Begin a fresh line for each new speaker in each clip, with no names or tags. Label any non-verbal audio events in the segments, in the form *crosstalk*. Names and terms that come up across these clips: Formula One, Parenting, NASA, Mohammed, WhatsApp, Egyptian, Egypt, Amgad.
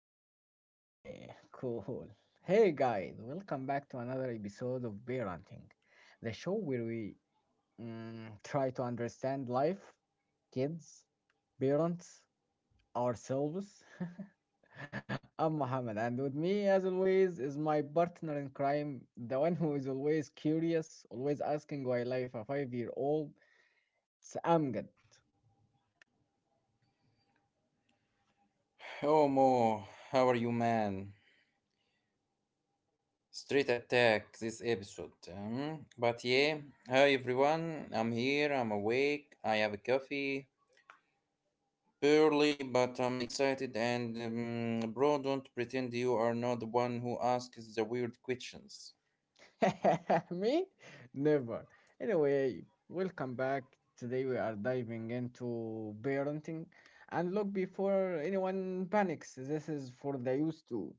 we are rolling. Yeah, cool. Hey guys, welcome back to another episode of Parenting, the show where we try to understand life, kids, parents, ourselves. *laughs* I'm Mohammed, and with me, as always, is my partner in crime, the one who is always curious, always asking why life a five-year-old. It's Amgad.
Oh Mo, how are you, man? Straight attack this episode. But yeah, hi everyone. I'm here. I'm awake. I have a coffee. Barely, but I'm excited. And bro, don't pretend you are not the one who asks the weird questions.
*laughs* Me? Never. Anyway, welcome back. Today we are diving into parenting. And look, before anyone panics, this is for the youth too.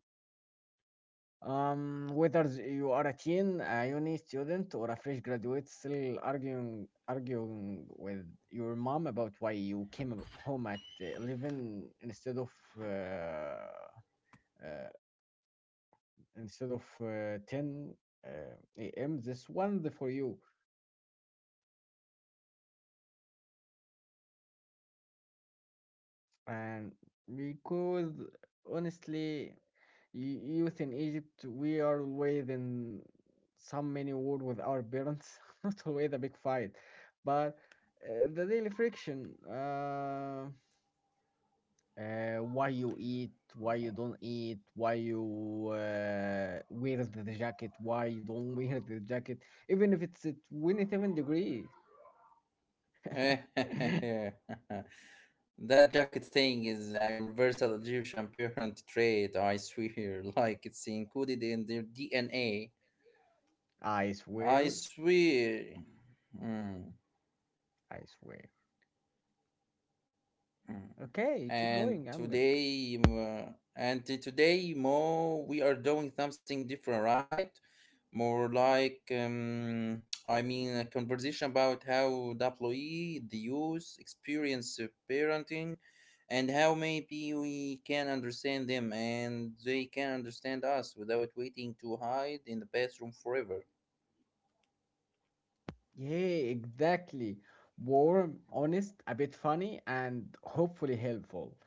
Whether you are a teen, a uni student, or a fresh graduate, still arguing with your mom about why you came home at 11 instead of uh, uh, 10 uh, a.m. This one for you. And because honestly youth in egypt we are always in some many war with our parents *laughs* not always a big fight but the daily friction why you eat, why you don't eat, why you wear the jacket, why you don't *laughs* wear the jacket even if it's at 27 degree
*laughs* That
*laughs*
jacket thing is a universal Egyptian parent trait. I swear, *laughs* like it's included in their DNA.
i
I
swear
swear. Hmm.
I swear
Hmm.
okay keep
and
going I'm good.
today um, uh, and today more, we are doing something different, right? More like, I mean, a conversation about how the youth experience parenting, and how maybe we can understand them and they can understand us without waiting to hide in the bathroom forever.
Yeah, exactly. Warm, honest, a bit funny, and hopefully helpful.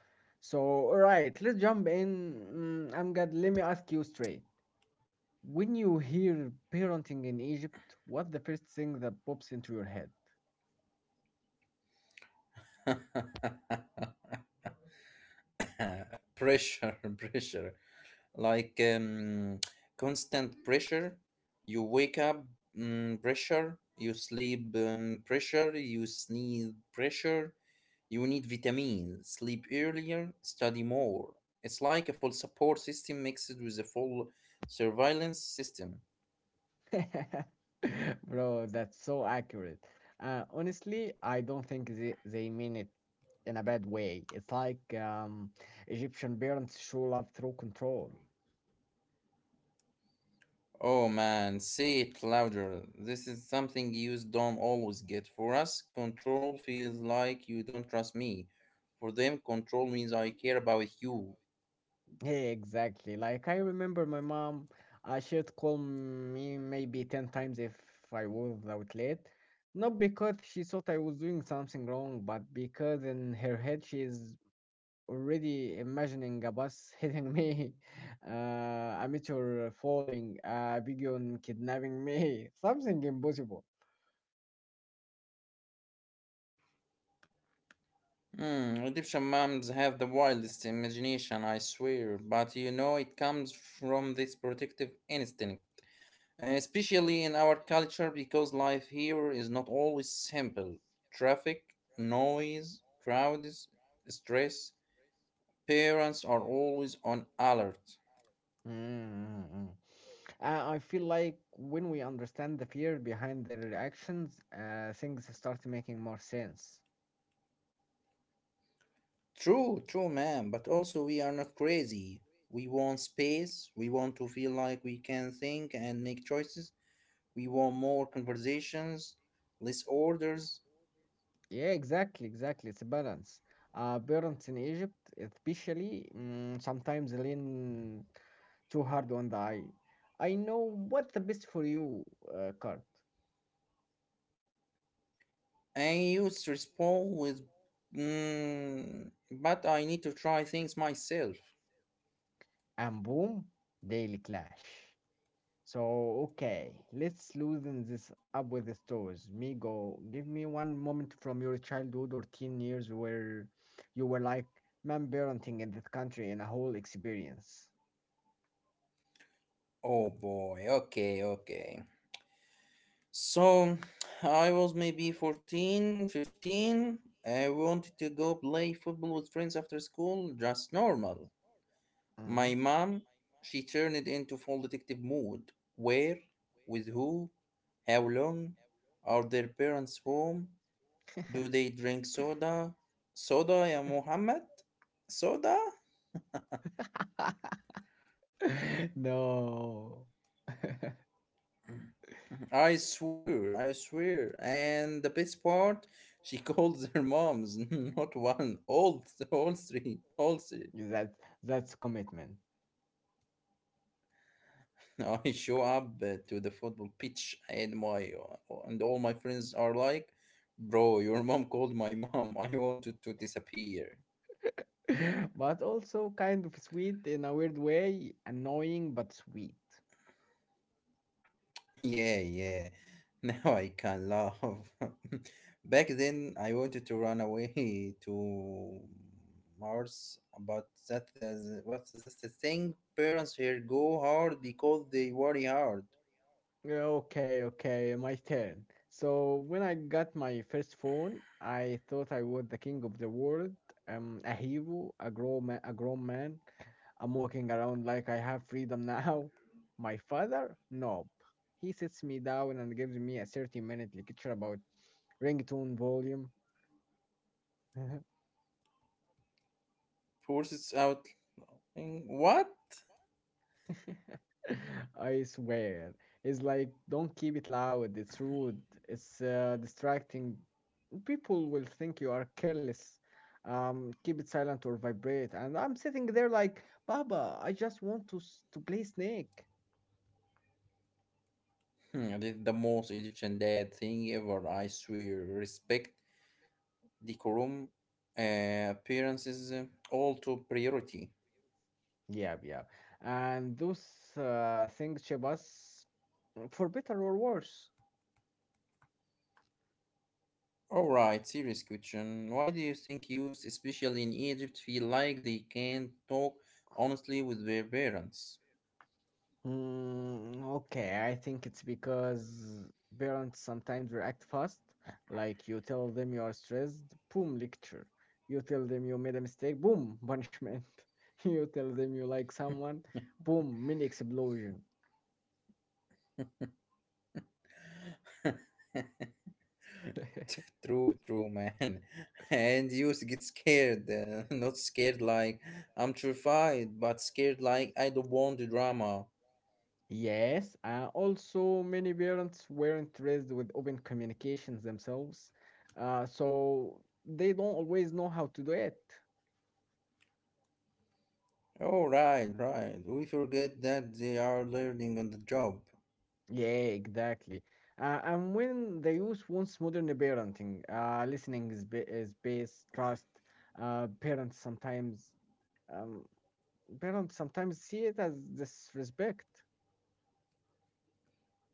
So, all right, let's jump in. Mm, I'm glad. Let me ask you straight. When you hear parenting in Egypt, what's the first thing that pops into your head?
*laughs* Pressure. *laughs* Pressure, like constant pressure. You wake up, pressure. You sleep, pressure. You sneeze, pressure. You need vitamins, sleep earlier, study more. It's like a full support system mixed with a full surveillance system.
*laughs* Bro, that's so accurate. Honestly, I don't think they mean it in a bad way. It's like Egyptian parents show love through control.
Oh man, say it louder. This is something you don't always get. For us, control feels like you don't trust me. For them, control means I care about you.
Yeah, exactly. Like I remember my mom, she'd call me maybe 10 times if I was out late. Not because she thought I was doing something wrong, but because in her head she's already imagining a bus hitting me, *laughs* a meteor falling, a pigeon kidnapping me, *laughs* something impossible.
Hmm. Egyptian moms have the wildest imagination, I swear, but you know it comes from this protective instinct, especially in our culture because life here is not always simple. Traffic, noise, crowds, stress, parents are always on alert.
Mm-hmm. I feel like when we understand the fear behind the reactions, things start making more sense.
True, true, ma'am, but also, we are not crazy. We want space, we want to feel like we can think and make choices. We want more conversations, less orders.
Yeah, exactly, exactly. It's a balance. Parents in Egypt, especially, sometimes lean too hard on the eye. I know what the best for you card,
I used to respond with, but I need to try things myself.
and boom, daily clash. So okay, let's loosen this up with the stores. Migo, give me one moment from your childhood or teen years where you were like man, parenting in this country and a whole experience.
Oh boy, okay, okay. So I was maybe 14, 15. I wanted to go play football with friends after school, just normal. My
Mm.
mom, she turned it into full detective mode. Where? With who? How long? Are their parents home? Do they drink soda? Soda, ya Muhammad? Soda?
*laughs* No. *laughs*
I swear, I swear. And the best part, she *laughs* calls her moms, *laughs* not one, all three, all three.
That that's commitment.
I show up to the football pitch, and my and all my friends are like, "Bro, your mom called my mom. I wanted to disappear."
*laughs* But also kind of sweet in a weird way, annoying but sweet.
Yeah, yeah. *laughs* Now I can laugh. *laughs* Back then, I wanted to run away *laughs* to Mars, but what's this, the thing? Parents here go hard because they worry hard.
Yeah, okay, okay, my turn. So when I got my first phone, I thought I was the king of the world, a hero, a grown man, a grown man. I'm walking around like I have freedom *laughs* now. My father? Nope. He sits me down and gives me a 30-minute lecture about ringtone volume. *laughs*
Forces out. Thing. What?
*laughs* I swear. It's like, don't keep it loud. It's rude. It's distracting. People will think you are careless. Keep it silent or vibrate. And I'm sitting there like, Baba, I just want to to play Snake.
Hmm, this the most Egyptian dad thing ever. I swear. Respect, decorum, appearances, all to priority.
Yeah, yeah. And those things shape us for better or worse.
Alright, serious question. Why do you think youth, especially in Egypt, feel like they can't talk honestly with their parents?
Mm, okay, I think it's because parents sometimes react fast. Like you tell them you are stressed, boom, lecture. You tell them you made a mistake, boom, punishment. *laughs* You tell them you like someone, boom, mini explosion. *laughs*
True, true, man. *laughs* And youth get scared, *laughs* not scared like I'm terrified, but scared like I don't want the drama.
Yes, also many parents weren't raised with open communications themselves, so they don't always know how to do it.
Oh, right, right. We forget that they are learning on the job.
Yeah, exactly. And when the youth wants modern parenting, listening is is base, trust. Parents sometimes, um, see it as disrespect.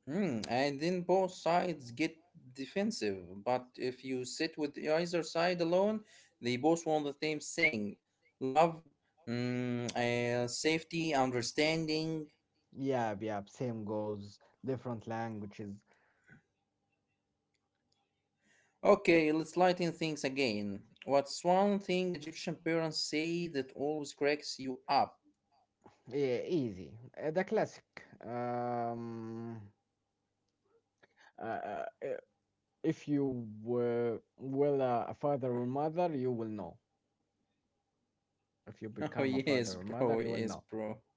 And then both sides get defensive. But if you sit with either side alone, they both want the same thing: love, safety, understanding.
Yeah, yeah, same goals, different languages.
Okay, let's lighten things again. What's one thing Egyptian parents say that always cracks you up?
Yeah, easy. The classic. Um, uh, uh, if you were well a father or mother, you will know. If you
*laughs* Oh,
become a father or
yes,
mother,
bro,
you will know.
yes, bro.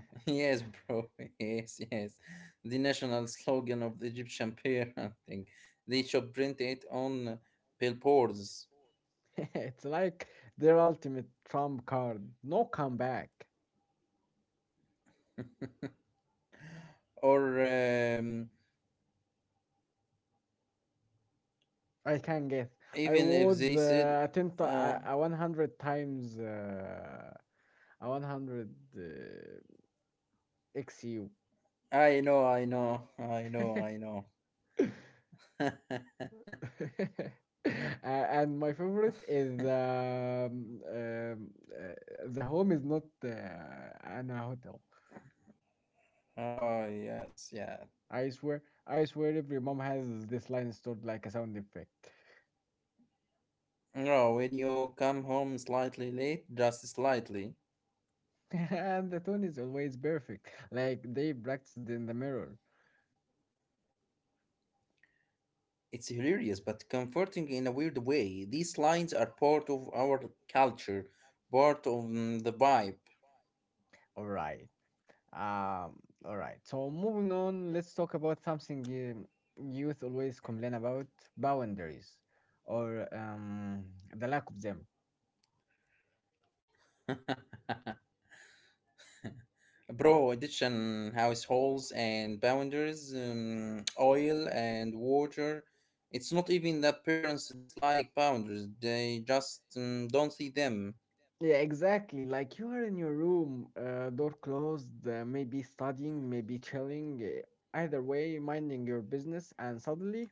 *laughs* Yes, bro, *laughs* yes, yes. The national slogan of the Egyptian *laughs* parenting. They should print it on billboards.
*laughs* It's like their ultimate trump card. No comeback.
Or
I can guess. I
even if
would
they said,
attempt
uh,
a 100 times a 100 uh, XU. *laughs*
"I know, I know, I know, I know." *laughs*
Uh, and my favorite is uh, the home is not an hotel.
Oh yes, yeah.
I swear, every mom has this line stored like a sound effect.
No, when you come home slightly late, just slightly,
*laughs* And the tone is always perfect, like they practiced in the mirror.
it's hilarious but comforting in a weird way. These lines are part of our culture, part of the vibe.
All right. Um, all right. So moving on, let's talk about something youth always complain about: boundaries, or the lack of them.
*laughs* Bro, Egyptian households and boundaries, oil and water. It's not even that parents dislike boundaries, they just don't see them.
Yeah, exactly. Like you are in your room, door closed, maybe studying, maybe chilling, either way, minding your business, and suddenly,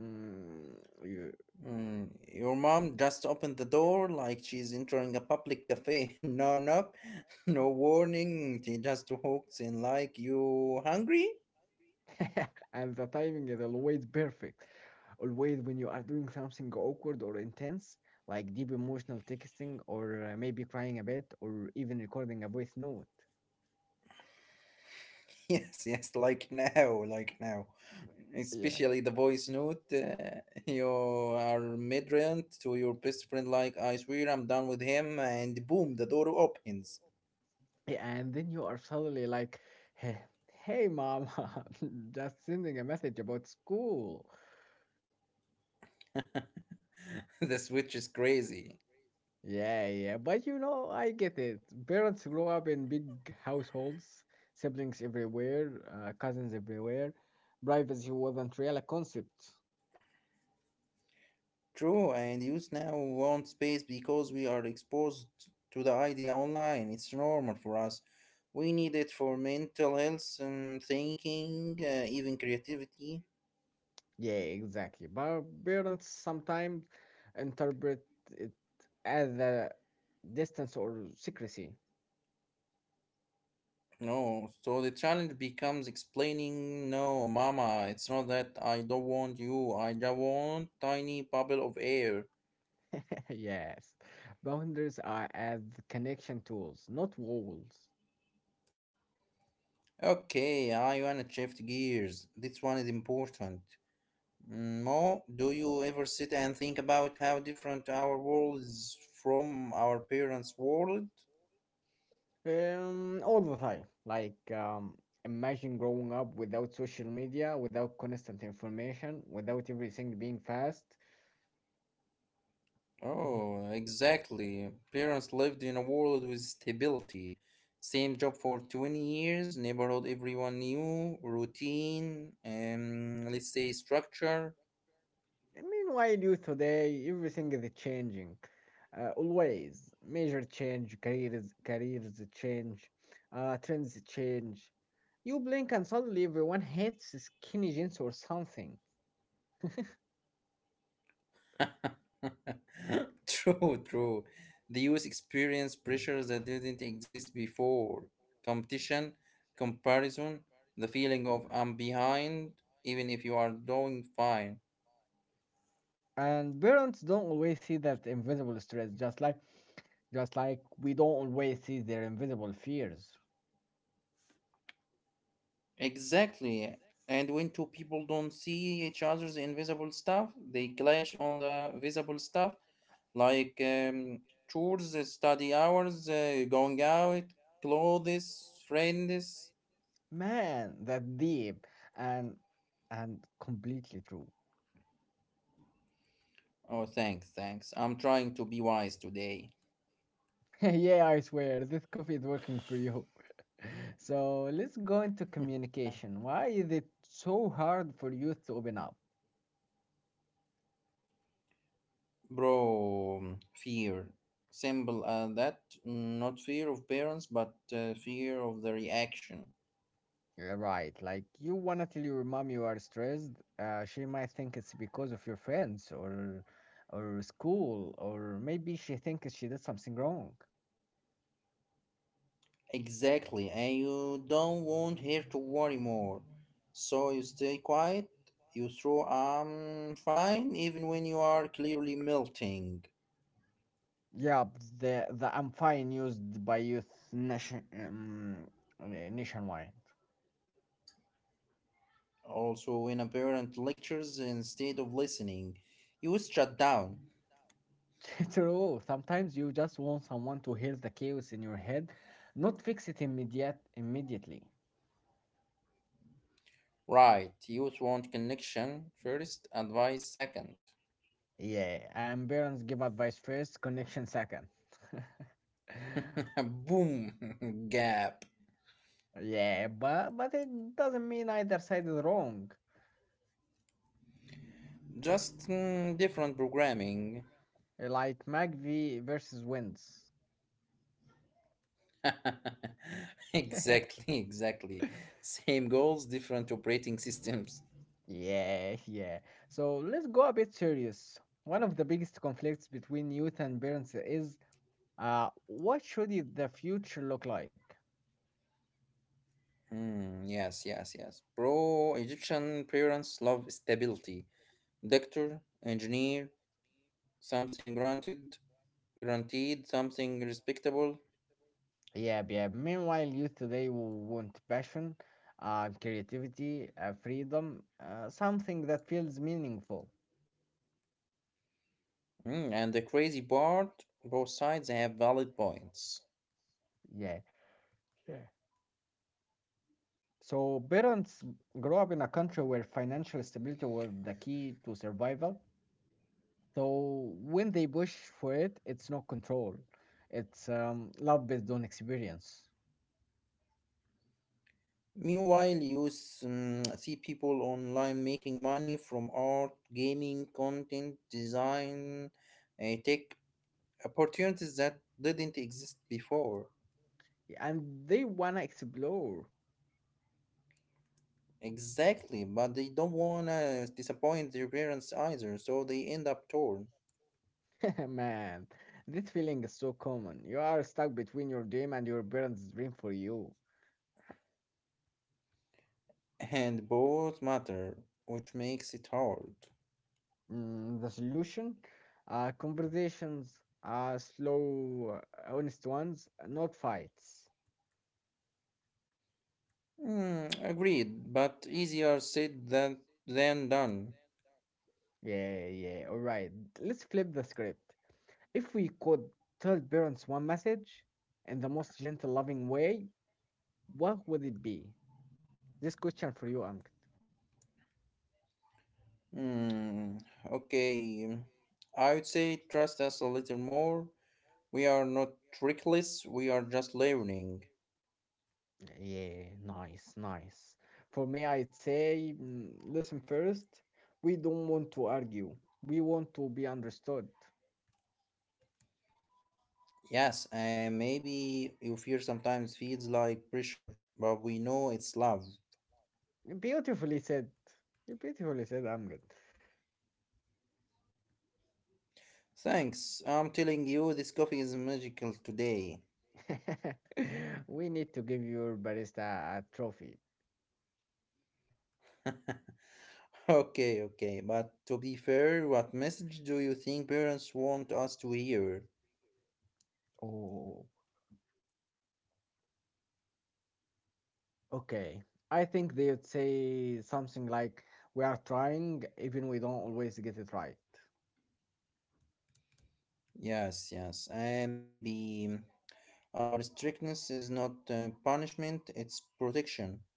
mm, you
Mm, your mom just opened the door like she's entering a public cafe. *laughs* No knock, *laughs* no warning. She just walks in like, you hungry?
*laughs* and the timing is always perfect. Always when you are doing something awkward or intense, like deep emotional texting, or maybe crying a bit, or even recording a voice note.
*laughs* Yes, yes, like now, like now.
Yeah.
Especially the voice note. You are midrand to your best friend, like, I swear I'm done with him, and boom, the door opens.
Yeah, and then you are suddenly like, hey, hey mama, *laughs* just sending a message about school.
*laughs* The switch is crazy.
Yeah, yeah, but you know, I get it. Parents grow up in big households, siblings everywhere, cousins everywhere. Privacy wasn't really a concept.
True, and youth now want space because we are exposed to the idea online. It's normal for us. We need it for mental health and thinking, even creativity.
Yeah, exactly. But parents sometimes interpret it as a distance or secrecy.
No, so the challenge becomes explaining, no, mama, it's not that I don't want you, I just want tiny bubble of air.
*laughs* Yes. Boundaries are as connection tools, not walls.
Okay, I wanna shift gears. This one is important. Mo, do you ever sit and think about how different our world is from our parents' world?
All the time. Like, imagine growing up without social media, without constant information, without everything being fast.
Oh, exactly. Parents lived in a world with stability. Same job for 20 years, neighborhood everyone knew, routine, let's say, structure.
I mean, why do today everything is changing? Always major change, careers change, trends change. You blink and suddenly everyone hates skinny jeans or something.
*laughs* True, true. The youth experience pressures that didn't exist before. Competition, comparison, the feeling of I'm behind, even if you are doing fine.
And parents don't always see that invisible stress, just like we don't always see their invisible fears.
Exactly. And when two people don't see each other's invisible stuff, they clash on the visible stuff, like chores, study hours, going out, clothes, friends.
Man, that deep and and completely true.
Oh, thanks, thanks. I'm trying to be wise today.
*laughs* Yeah, I swear, this coffee is working for you. *laughs* So let's go into communication. Why is it so hard for you to open up?
Bro, fear. Simple that. Not fear of parents, but fear of the reaction.
Yeah, right, like you wanna tell your mom you are stressed. She might think it's because of your friends or school, or maybe she thinks she did something wrong.
Exactly, and you don't want her to worry more. So you stay quiet, you throw I'm fine even when you are clearly melting.
Yeah, the I'm fine used by youth nation nationwide.
Also, when a parent lectures instead of listening, you shut down.
*laughs* True. Sometimes you just want someone to hear the chaos in your head, not fix it immediately.
Right, youth want connection first, advice second.
Yeah, and parents give advice first, connection second. *laughs*
*laughs* Boom, *laughs* gap.
Yeah, but it doesn't mean either side is wrong.
Just different programming.
Like McVie versus Wins. *laughs*
*laughs* Exactly, *laughs* exactly. Same goals, different operating systems.
Yeah, yeah. So let's go a bit serious. One of the biggest conflicts between youth and parents is what should the future look like?
Hmm, yes, yes, yes. Pro Egyptian parents love stability. Doctor, engineer, something granted, guaranteed, something respectable.
Yeah, yeah. Meanwhile, youth today will want passion, creativity, freedom, something that feels meaningful.
Hmm, and the crazy part, both sides have valid points.
Yeah. Yeah. So parents grow up in a country where financial stability was the key to survival. So when they push for it, it's not control. It's love based on experience,
Meanwhile, you see people online making money from art, gaming, content, design, tech, opportunities that didn't exist before.
and they wanna explore.
Exactly, but they don't wanna disappoint their parents either, so they end up torn.
*laughs* Man, this feeling is so common. You are stuck between your dream and your parents' dream for you.
And both matter, which makes it hard.
Mm, the solution? Conversations, slow, honest ones, not fights.
Hmm, agreed, but easier said than done.
Yeah, yeah, all right. Let's flip the script. If we could tell parents one message in the most gentle, loving way, what would it be? This question for you, Amr.
Hmm, okay. I would say trust us a little more. We are not reckless, we are just learning.
Yeah, nice, nice. For me, I'd say, listen first, we don't want to argue. We want to be understood.
Yes, and maybe your fear sometimes feels like pressure, but we know it's love.
Beautifully said. You beautifully said, I'm good.
Thanks, I'm telling you, this coffee is magical today.
*laughs* We need to give your barista a trophy.
*laughs* Okay, okay, but to be fair, what message do you think parents want us to hear?
Oh, okay. I think they'd say something like, we are trying, even we don't always get it right.
Yes, yes, and maybe our strictness is not punishment, it's protection.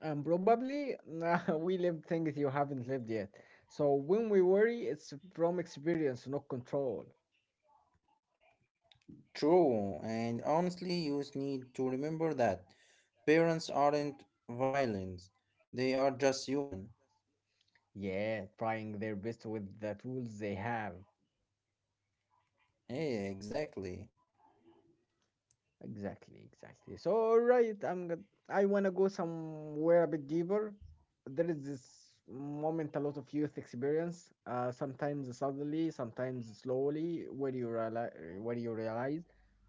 And probably *laughs* we live things you haven't lived yet. So when we worry, it's from experience, not control.
True, and honestly, you need to remember that parents aren't violent, they are just human.
Yeah, trying their best with the tools they have.
Yeah, exactly.
Exactly, exactly. So, all right, I wanna go somewhere a bit deeper. There is this moment a lot of youth experience, sometimes suddenly, sometimes slowly, where you realize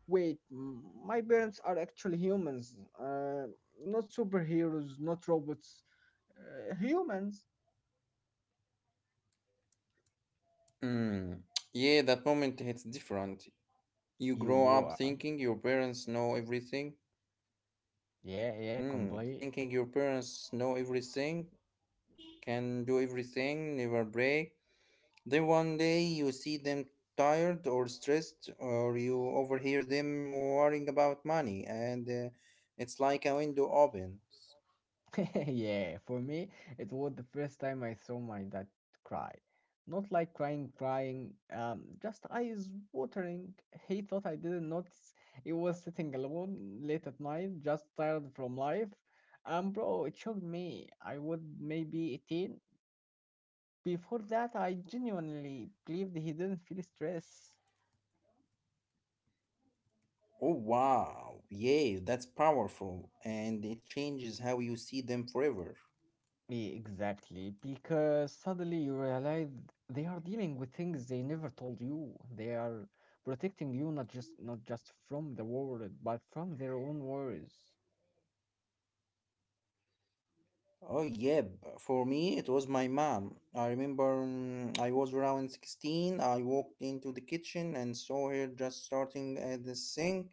wait, my parents are actually humans, not superheroes, not robots. Humans.
Mm. Yeah, that moment hits different. You
You
grow
grow
up
up.
thinking your parents know everything.
Yeah, yeah,
Mm.
complete.
Thinking your parents know everything, can do everything, never break. Then one day you see them tired or stressed, or you overhear them worrying about money, and it's like a window opens.
*laughs* Yeah, for me, it was the first time I saw my dad cry. Not like crying, crying, just eyes watering. He thought I didn't notice. He was sitting alone late at night, just tired from life. Bro, it shocked me. I was maybe 18. Before that, I genuinely believed he didn't feel stress.
Oh, wow. Yeah, that's powerful. And it changes how you see them forever.
Exactly, because suddenly you realize they are dealing with things they never told you. They are protecting you not just from the world, but from their own worries.
Oh, yeah. For me, it was my mom. I remember, I was around 16. I walked into the kitchen and saw her just starting at the sink,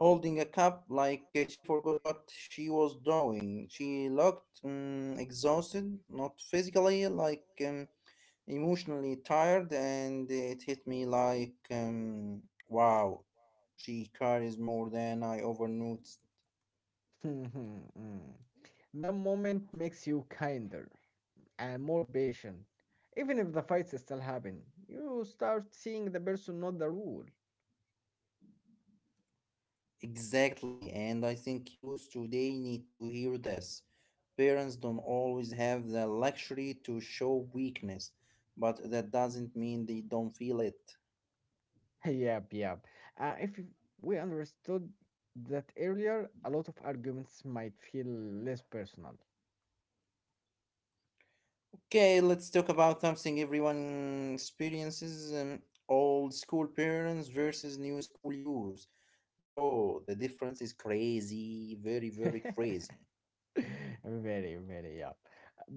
holding a cup like, she forgot what she was doing. She looked exhausted, not physically, like emotionally tired, and it hit me like, wow, she carries more than I ever noticed.
*laughs* Mm. The moment makes you kinder and more patient. Even if the fights still happen, you start seeing the person, not the rule.
Exactly, and I think youth today need to hear this. Parents don't always have the luxury to show weakness, but that doesn't mean they don't feel it.
*laughs* Yep, yep. If you- We understood that earlier, a lot of arguments might feel less personal.
Okay, let's talk about something everyone experiences: old school parents versus new school use. Bro, the difference is crazy, very, very
*laughs*
crazy.
Very, very, yeah.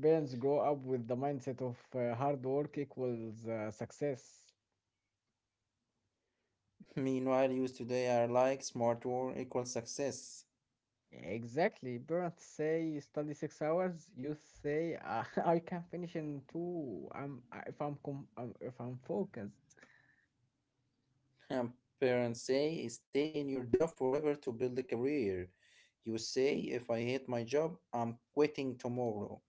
Parents grow up with the mindset of hard work equals success.
*laughs* Meanwhile, youth today are like smart work equals success. *laughs*
Exactly. Parents say study 6 hours. You say *laughs* I can finish in two. If I'm if I'm focused.
Um, Parents say stay in your job forever to build a career. You say if I hate my job, I'm quitting tomorrow.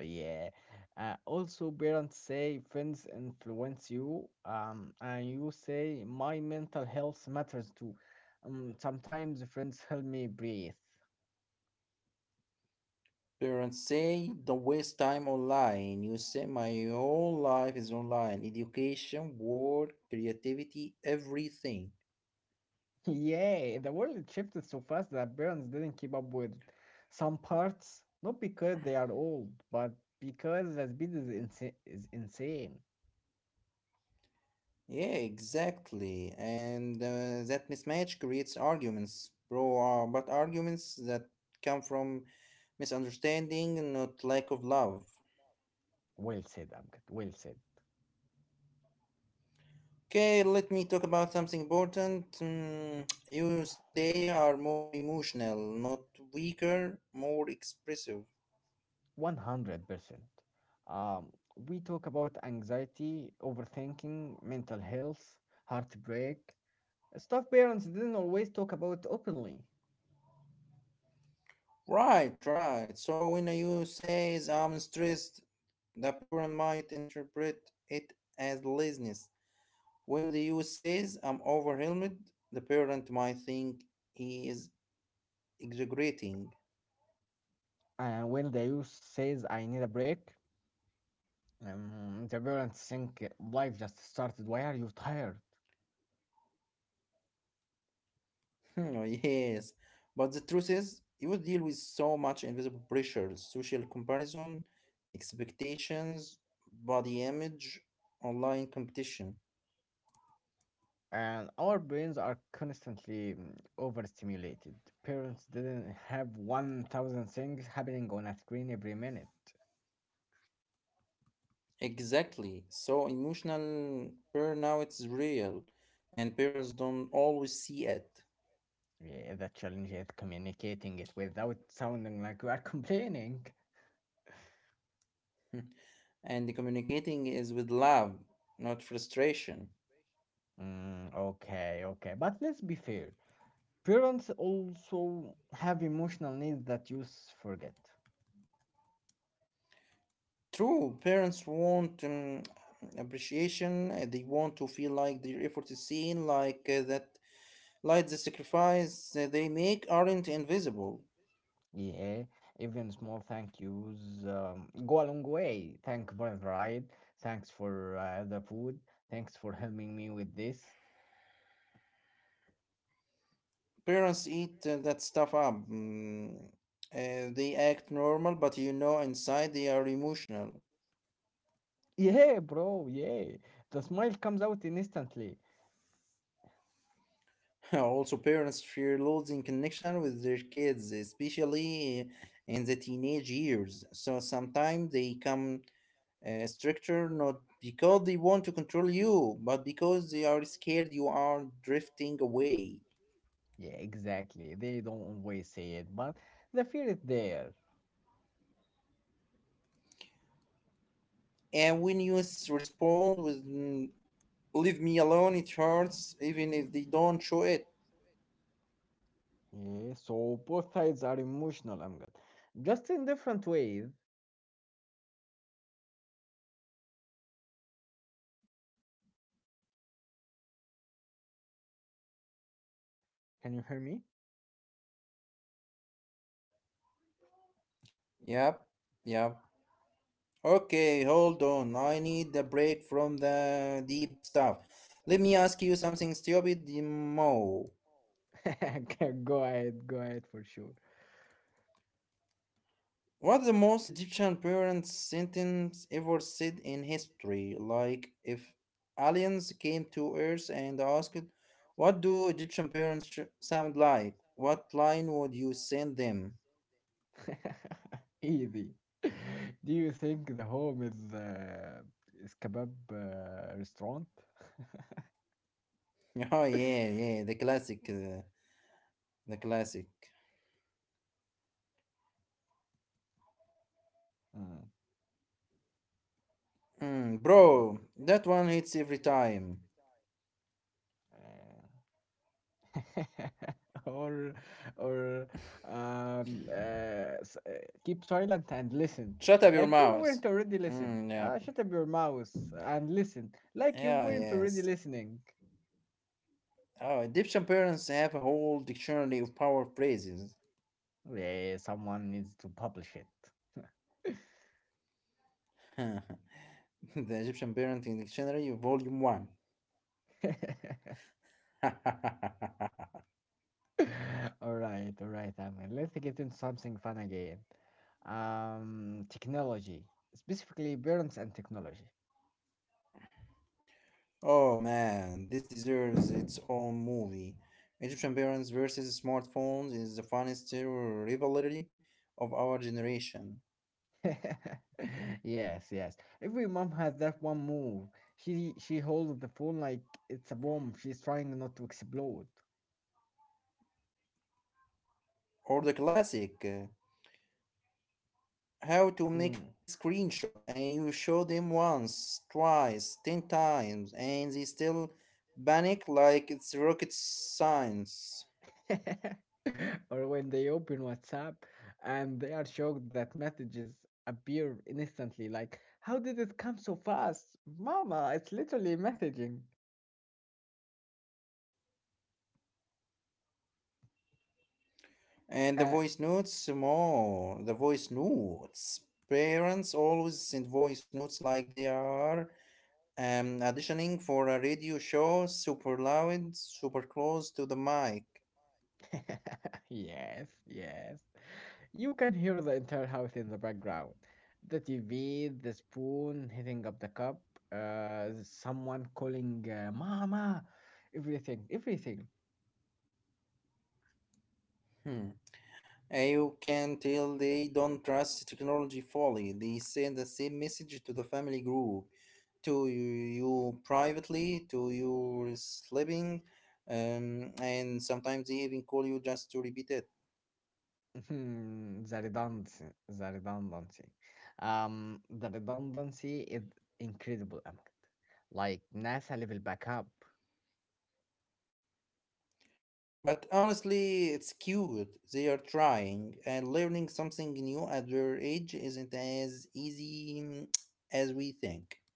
Yeah. Also, parents say friends influence you, and you say my mental health matters too. Sometimes friends help me breathe. *laughs*
Parents say don't waste time online. You say my whole life is online. Education, work, creativity, everything.
Yeah, the world shifted so fast that parents didn't keep up with some parts, not because they are old, but because the speed is, is insane.
Yeah, exactly. And that mismatch creates arguments, bro. But arguments that come from misunderstanding, not lack of love.
Well said, Amgad. Well said.
Okay, let me talk about something important. *tsk* Youths today are more emotional, not weaker, more expressive.
100%. Um, we talk about anxiety, overthinking, mental health, heartbreak, stuff parents didn't always talk about openly.
Right, right. So when you say I'm stressed, the parent might interpret it as laziness. When the youth says I'm overwhelmed, the parent might think he is exaggerating. *laughs*
And when the youth says, I need a break, the parents think life just started. Why are you tired?
Oh, yes. But the truth is, you deal with so much invisible pressure, social comparison, expectations, body image, online competition.
And our brains are constantly overstimulated. Parents didn't have 1,000 things happening on a screen every minute.
Exactly. So emotional burnout is real, and parents don't always see it.
Yeah, the challenge is communicating it without sounding like we are *laughs* complaining.
And the communicating is with love, not frustration.
Mm, okay, okay. But let's be fair. Parents also have emotional needs that youth forget.
True, parents want appreciation. They want to feel like their effort is seen, like that, like the sacrifice that they make aren't invisible.
Yeah, even small thank yous go a long way. Thank for the ride. Thanks for the food. Thanks for helping me with this.
Parents eat that stuff up. They act normal, but you know inside they are emotional.
Yeah, bro, yeah. The smile comes out instantly.
*laughs* Also, parents fear losing connection with their kids, especially in the teenage years. So sometimes they come stricter, not because they want to control you, but because they are scared you are drifting away.
Yeah, exactly. They don't always say it, but the fear is there.
And when respond with, "Mm, leave me alone," it hurts, even if they don't show it.
Yeah, so both sides are emotional, Amgad. Just in different ways. Can you hear me?
Yep, yep. Okay, hold on. I need a break from the deep stuff. Let me ask you something stupid, Mo.
*laughs* Okay, go ahead for sure.
What's the most Egyptian parent sentence ever said in history? Like, if aliens came to Earth and asked, what do Egyptian parents sound like? What line would you send them?
*laughs* Easy. *laughs* Do you think the home is kebab restaurant?
*laughs* Oh, yeah,
*laughs*
yeah, the classic. The classic.
Mm,
Mm,
mm.
bro, that one hits every time.
Uh, *laughs* or or um, uh, s- uh, keep silent and listen
Shut up your
like you
mouth.
weren't already listening,
Mm, yeah.
shut up your mouth and listen like you
Yeah,
weren't already
yes.
listening.
Oh, Egyptian parents have a whole dictionary of power phrases.
Yeah, someone needs to publish it.
*laughs* *laughs* The Egyptian Parenting Dictionary, Volume 1. *laughs*
*laughs* All right, all right, Ahmed. Let's get into something fun again. Um, technology, specifically parents and technology.
Oh man, this deserves its own movie. Egyptian parents versus smartphones is the funniest rivalry of our generation.
*laughs* Yes, yes. Every mom has that one move. She holds the phone like it's a bomb. She's trying not to explode.
Or the classic, how to make
Mm.
screenshot, and you show them once, twice, ten times, and they still panic like it's rocket science.
*laughs* Or when they open WhatsApp and they are shocked that messages appear instantly, like, how did it come so fast? Mama, it's literally messaging.
And the
Uh,
voice notes more. The voice notes. Parents always send voice notes like they are auditioning for a radio show, super loud, super close to the mic.
*laughs* yes, yes. You can hear the entire house in the background. The TV, the spoon hitting up the cup, someone calling Mama, everything, everything.
Hmm. And you can tell they don't trust technology fully. They send the same message to the family group, to you privately, to you sleeping, and sometimes they even call you just to repeat it.
*laughs* The redundancy, the redundancy. The redundancy is incredible, Ahmed. Like NASA level backup.
But honestly, it's cute. They are trying, and learning something new at their age isn't as easy, as we think.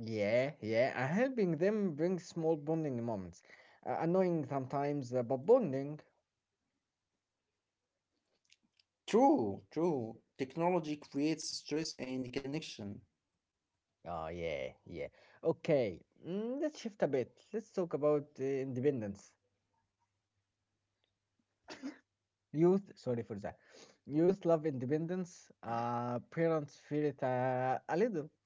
Yeah, yeah. And helping them bring small bonding moments. Annoying sometimes, but bonding.
True, true. Technology creates stress and connection.
Oh, yeah, yeah. Okay, mm, let's shift a bit. Let's talk about independence. Youth, sorry for that. Youth love independence. Parents fear it a little. *laughs*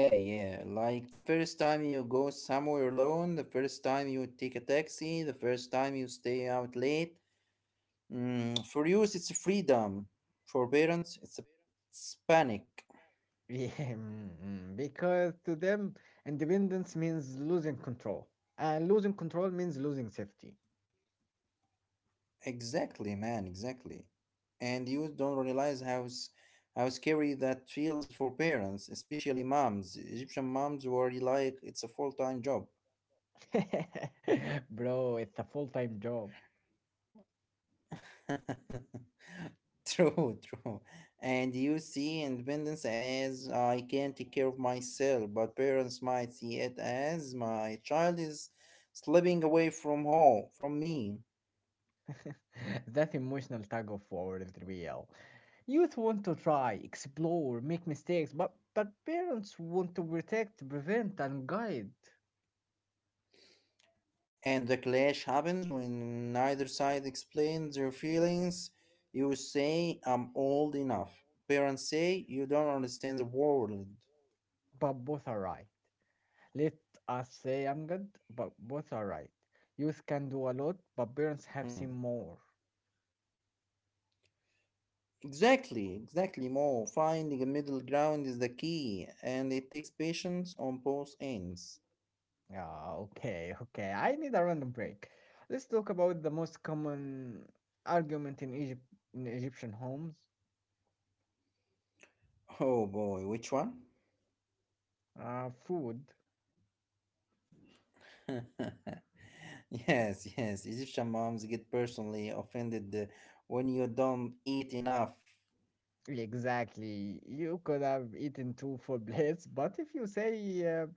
Yeah, yeah. Like the first time you go somewhere alone, the first time you take a taxi, the first time you stay out late. Mm, for youth, it's freedom. For parents, it's a it's panic.
Yeah, mm, mm, because to them, independence means losing control. And losing control means losing safety.
Exactly, man, exactly. And you don't realize how how scary that feels for parents, especially moms. Egyptian moms worry like it's a full-time job.
*laughs* Bro, it's a full-time job.
*laughs* True, true. And you see independence as I can take care of myself, but parents might see it as my child is slipping away from home, from me.
*laughs* That emotional tug of war is real. Youth want to try, explore, make mistakes, but parents want to protect, prevent, and guide.
And the clash happens when neither side explains their feelings. You say, I'm old enough. Parents say, you don't understand the world.
But both are right. Let us say I'm good, but both are right. Youth can do a lot, but parents have seen
Hmm.
more.
Exactly, exactly, Mo. Finding a middle ground is the key, and it takes patience on both ends.
Ah, okay, okay. I need a random break. Let's talk about the most common argument in Egypt, in Egyptian homes.
Oh boy, which one?
Food.
*laughs* Yes, yes, Egyptian moms get personally offended, when you don't eat enough.
Exactly. You could have eaten two full *laughs* plates, but if you say uh,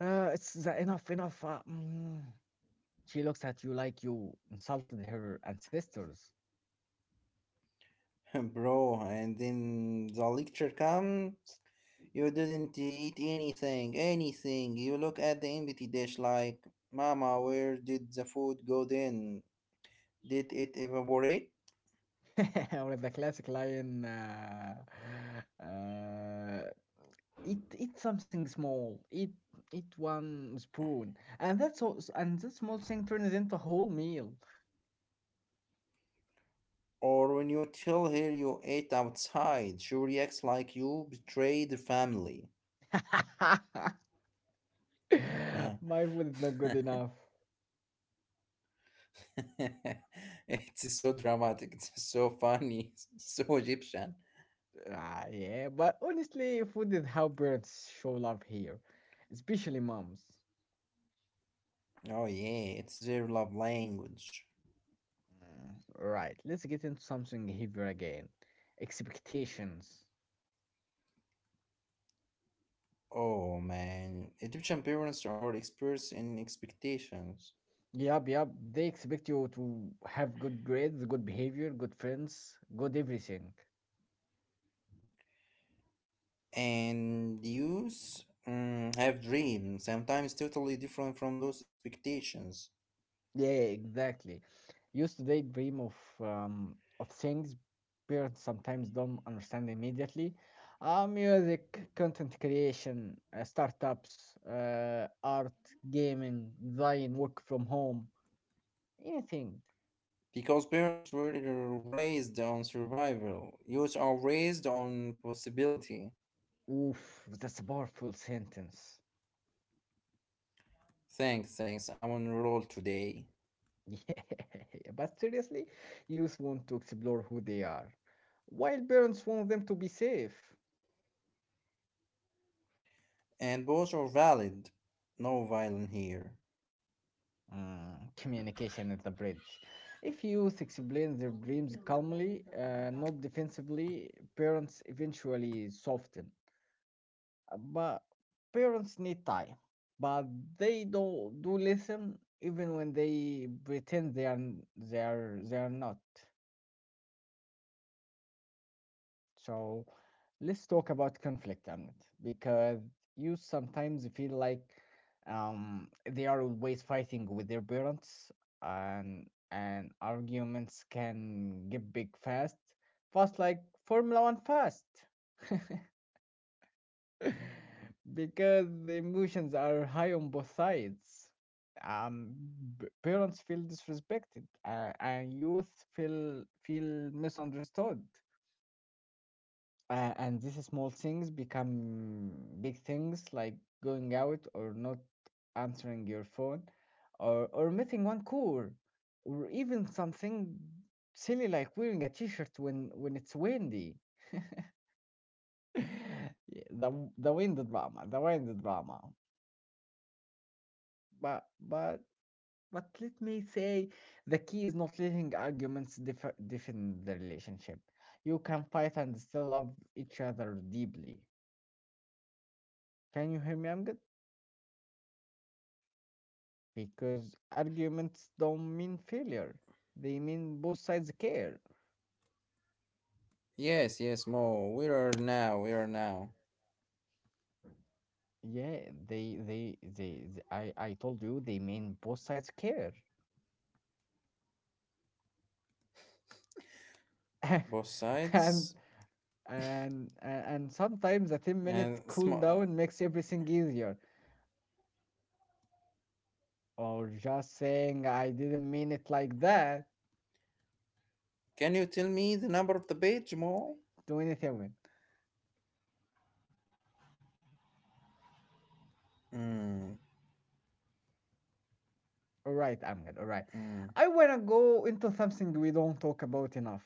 It's the enough, enough. Mm. She looks at you like you insulted her ancestors.
*laughs* Bro, and then the lecture comes. You didn't eat anything, anything. You look at the empty dish like, Mama, where did the food go then? Did it evaporate?
*laughs* Or the classic line, uh, eat something small, eat one spoon, and that's all, and that small thing turns into a whole meal.
Or when you tell her you ate outside, she reacts like you betrayed the family.
*laughs*
Huh.
My food is not good
*laughs*
enough.
It's so dramatic, it's so funny, *laughs* so Egyptian.
Ah, yeah, but honestly, food is how parents show love here, especially moms.
Oh, yeah, it's their love language.
Mm, right, let's get into something heavier again. Expectations.
Oh man, Egyptian parents are experts in expectations.
Yep, yep. They expect you to have good grades, good behavior, good friends, good everything.
And youth, have dreams, sometimes totally different from those expectations.
Yeah, exactly. Used to they dream of things parents sometimes don't understand immediately. Music, content creation, startups, art, gaming, design, work from home, anything.
Because parents were raised on survival, youth are raised on possibility.
Oof, that's a powerful sentence.
Thanks, thanks, I'm on roll today.
Yeah, *laughs* but seriously, youth want to explore who they are, while parents want them to be safe.
And both are valid. No violin here.
Mm, communication is the bridge. If youth explain their dreams calmly, not defensively, parents eventually soften. But parents need time, but they do listen even when they pretend they are not. So let's talk about conflict, Ahmed, because you sometimes feel like they are always fighting with their parents, and and arguments can get big fast, fast like Formula One fast, *laughs* because the emotions are high on both sides. Um, Parents feel disrespected, and youth feel misunderstood. Uh, and these small things become big things, like going out or not answering your phone, or missing one call, or even something silly like wearing a t-shirt when it's windy. *laughs* Yeah, the wind drama, the wind drama. But but let me say, the key is not letting arguments differ, define the relationship. You can fight and still love each other deeply. Can you hear me, Amgad? Because arguments don't mean failure, they mean both sides care.
Yes, yes, Mo, we are now, we are now.
Yeah, I told you they mean both sides care.
Both
*laughs*
sides.
And and sometimes a 10-minute
And
cool down makes everything easier, or just saying I didn't mean it like that
can you tell me the number of the page, Mo?
to anything with.
Mm,
All right, I'm good, all right. I
mm.
want to go into something we don't talk about enough,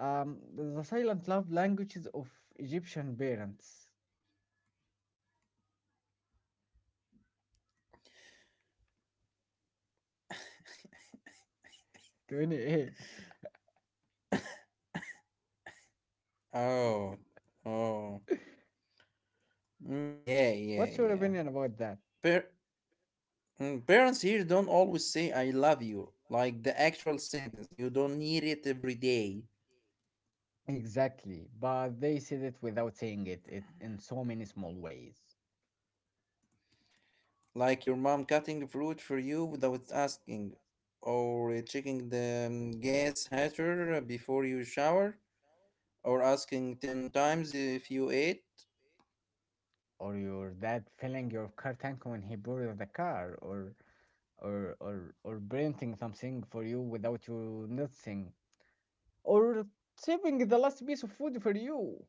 the silent love languages of Egyptian parents. 28.
Oh, oh, mm, yeah, yeah,
What's your
yeah.
opinion about that?
Per- parents here don't always say "I love you" like the actual sentence. You don't need it every day,
Exactly. But they said it without saying it, it in so many small ways.
like your mom cutting fruit for you without asking, or checking the gas heater before you shower, or asking ten times if you ate.
Or your dad filling your car tank when he borrowed the car, or or printing something for you without you noticing, or saving the last piece of food for you.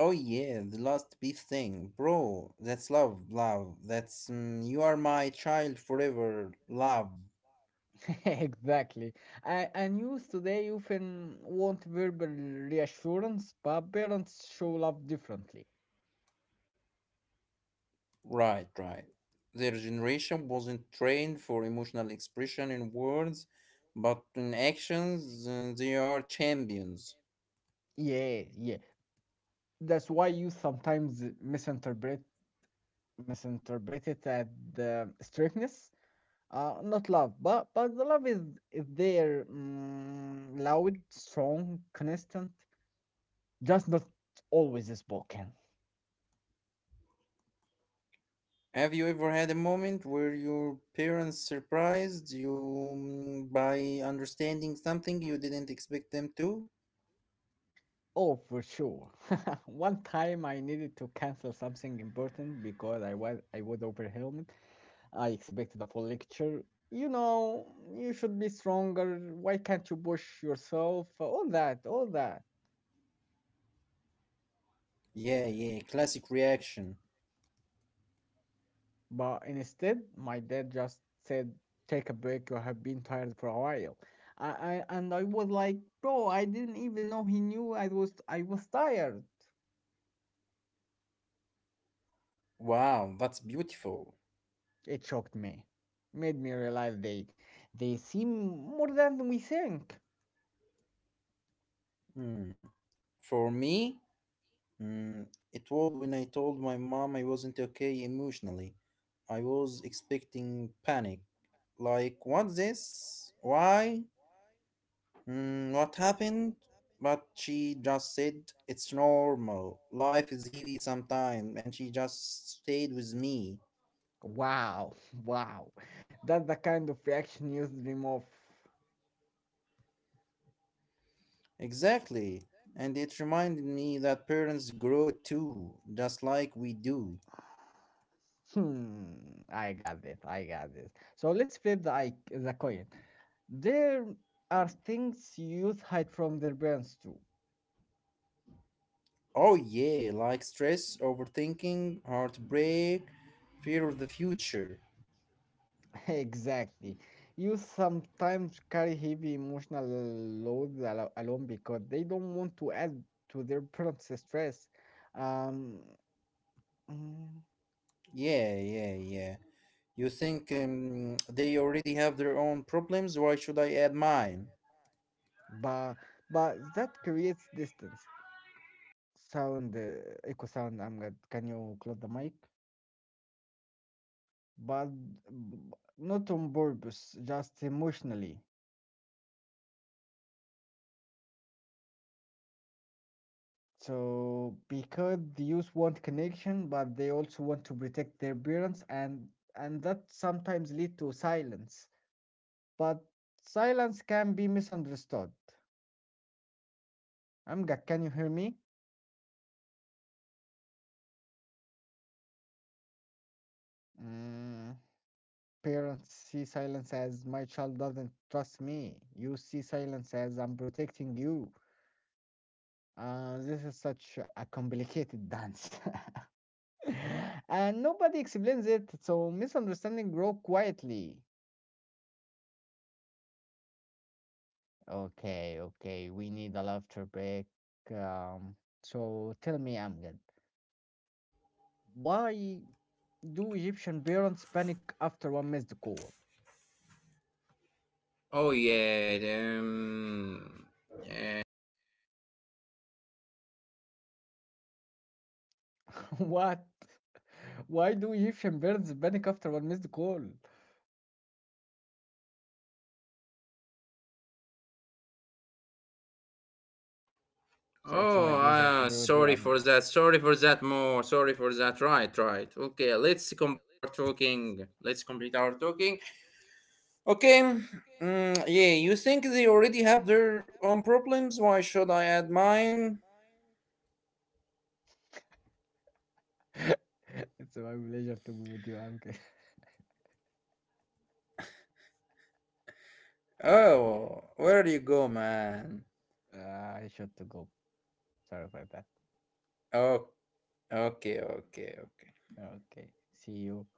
Oh yeah, the last big thing, bro. That's love, love. That's, you are my child forever, love.
*laughs* Exactly. A- And youth today often want verbal reassurance, but parents show love differently.
Right, right. Their generation wasn't trained for emotional expression in words, but in actions, they are champions.
Yeah, yeah. That's why you sometimes misinterpret it at the strictness, not love, but the love is there, mm, loud, strong, constant, just not always spoken.
Have you ever had a moment where your parents surprised you, by understanding something you didn't expect them to?
Oh, for sure. *laughs* One time I needed to cancel something important because I was overwhelmed. I expected a full lecture, you know, you should be stronger, why can't you push yourself, all that.
Yeah, yeah, classic reaction.
But instead, my dad just said, take a break, you have been tired for a while. And I was like, bro, I didn't even know he knew I was tired.
Wow, that's beautiful.
It shocked me. Made me realize they seem more than we think.
Hmm. For me, mm, it was when I told my mom I wasn't okay emotionally. I was expecting panic. Like, what's this? Why? Mm, what happened? But she just said, it's normal. Life is heavy sometimes, and she just stayed with me.
Wow, *laughs* wow. That's the kind of reaction you dream of.
Exactly. And it reminded me that parents grow too, just like we do.
Hmm, I got this, I got this. So let's flip the coin. There are things youth hide from their parents too.
Oh, yeah, like stress, overthinking, heartbreak, fear of the future.
*laughs* Exactly. Youth sometimes carry heavy emotional loads alone because they don't want to add to their parents' stress. Um, mm,
Yeah, yeah, yeah. You think, they already have their own problems? Why should I add mine?
but but that creates distance. Sound, echo sound. I'm good. Can you close the mic? But b- Not on purpose, just emotionally. So because the youth want connection, but they also want to protect their parents, and that sometimes lead to silence. But silence can be misunderstood. Amga, can you hear me? Mm, parents see silence as my child doesn't trust me. You see silence as I'm protecting you. This is such a complicated dance, *laughs* and nobody explains it. So misunderstanding grow quietly. Okay, okay. We need a laughter break. Um, so tell me, Amjad, why do Egyptian parents panic after one missed call?
Oh yeah.
*laughs* What? Why do Egyptian parents panic after one missed call? So it's
Oh,
my pleasure to be with you,
sorry
Amjad.
for that. Sorry for that. More. Sorry for that. Right, right. Okay, let's complete our talking. Let's complete our talking. Okay. Mm, yeah, you think they already have their own problems? Why should I add mine?
*laughs* It's my pleasure to be with you, Amjad. *laughs*
Oh, where do you go, man?
I should to go. Sorry for that.
Oh, okay, okay, okay.
Okay. See you.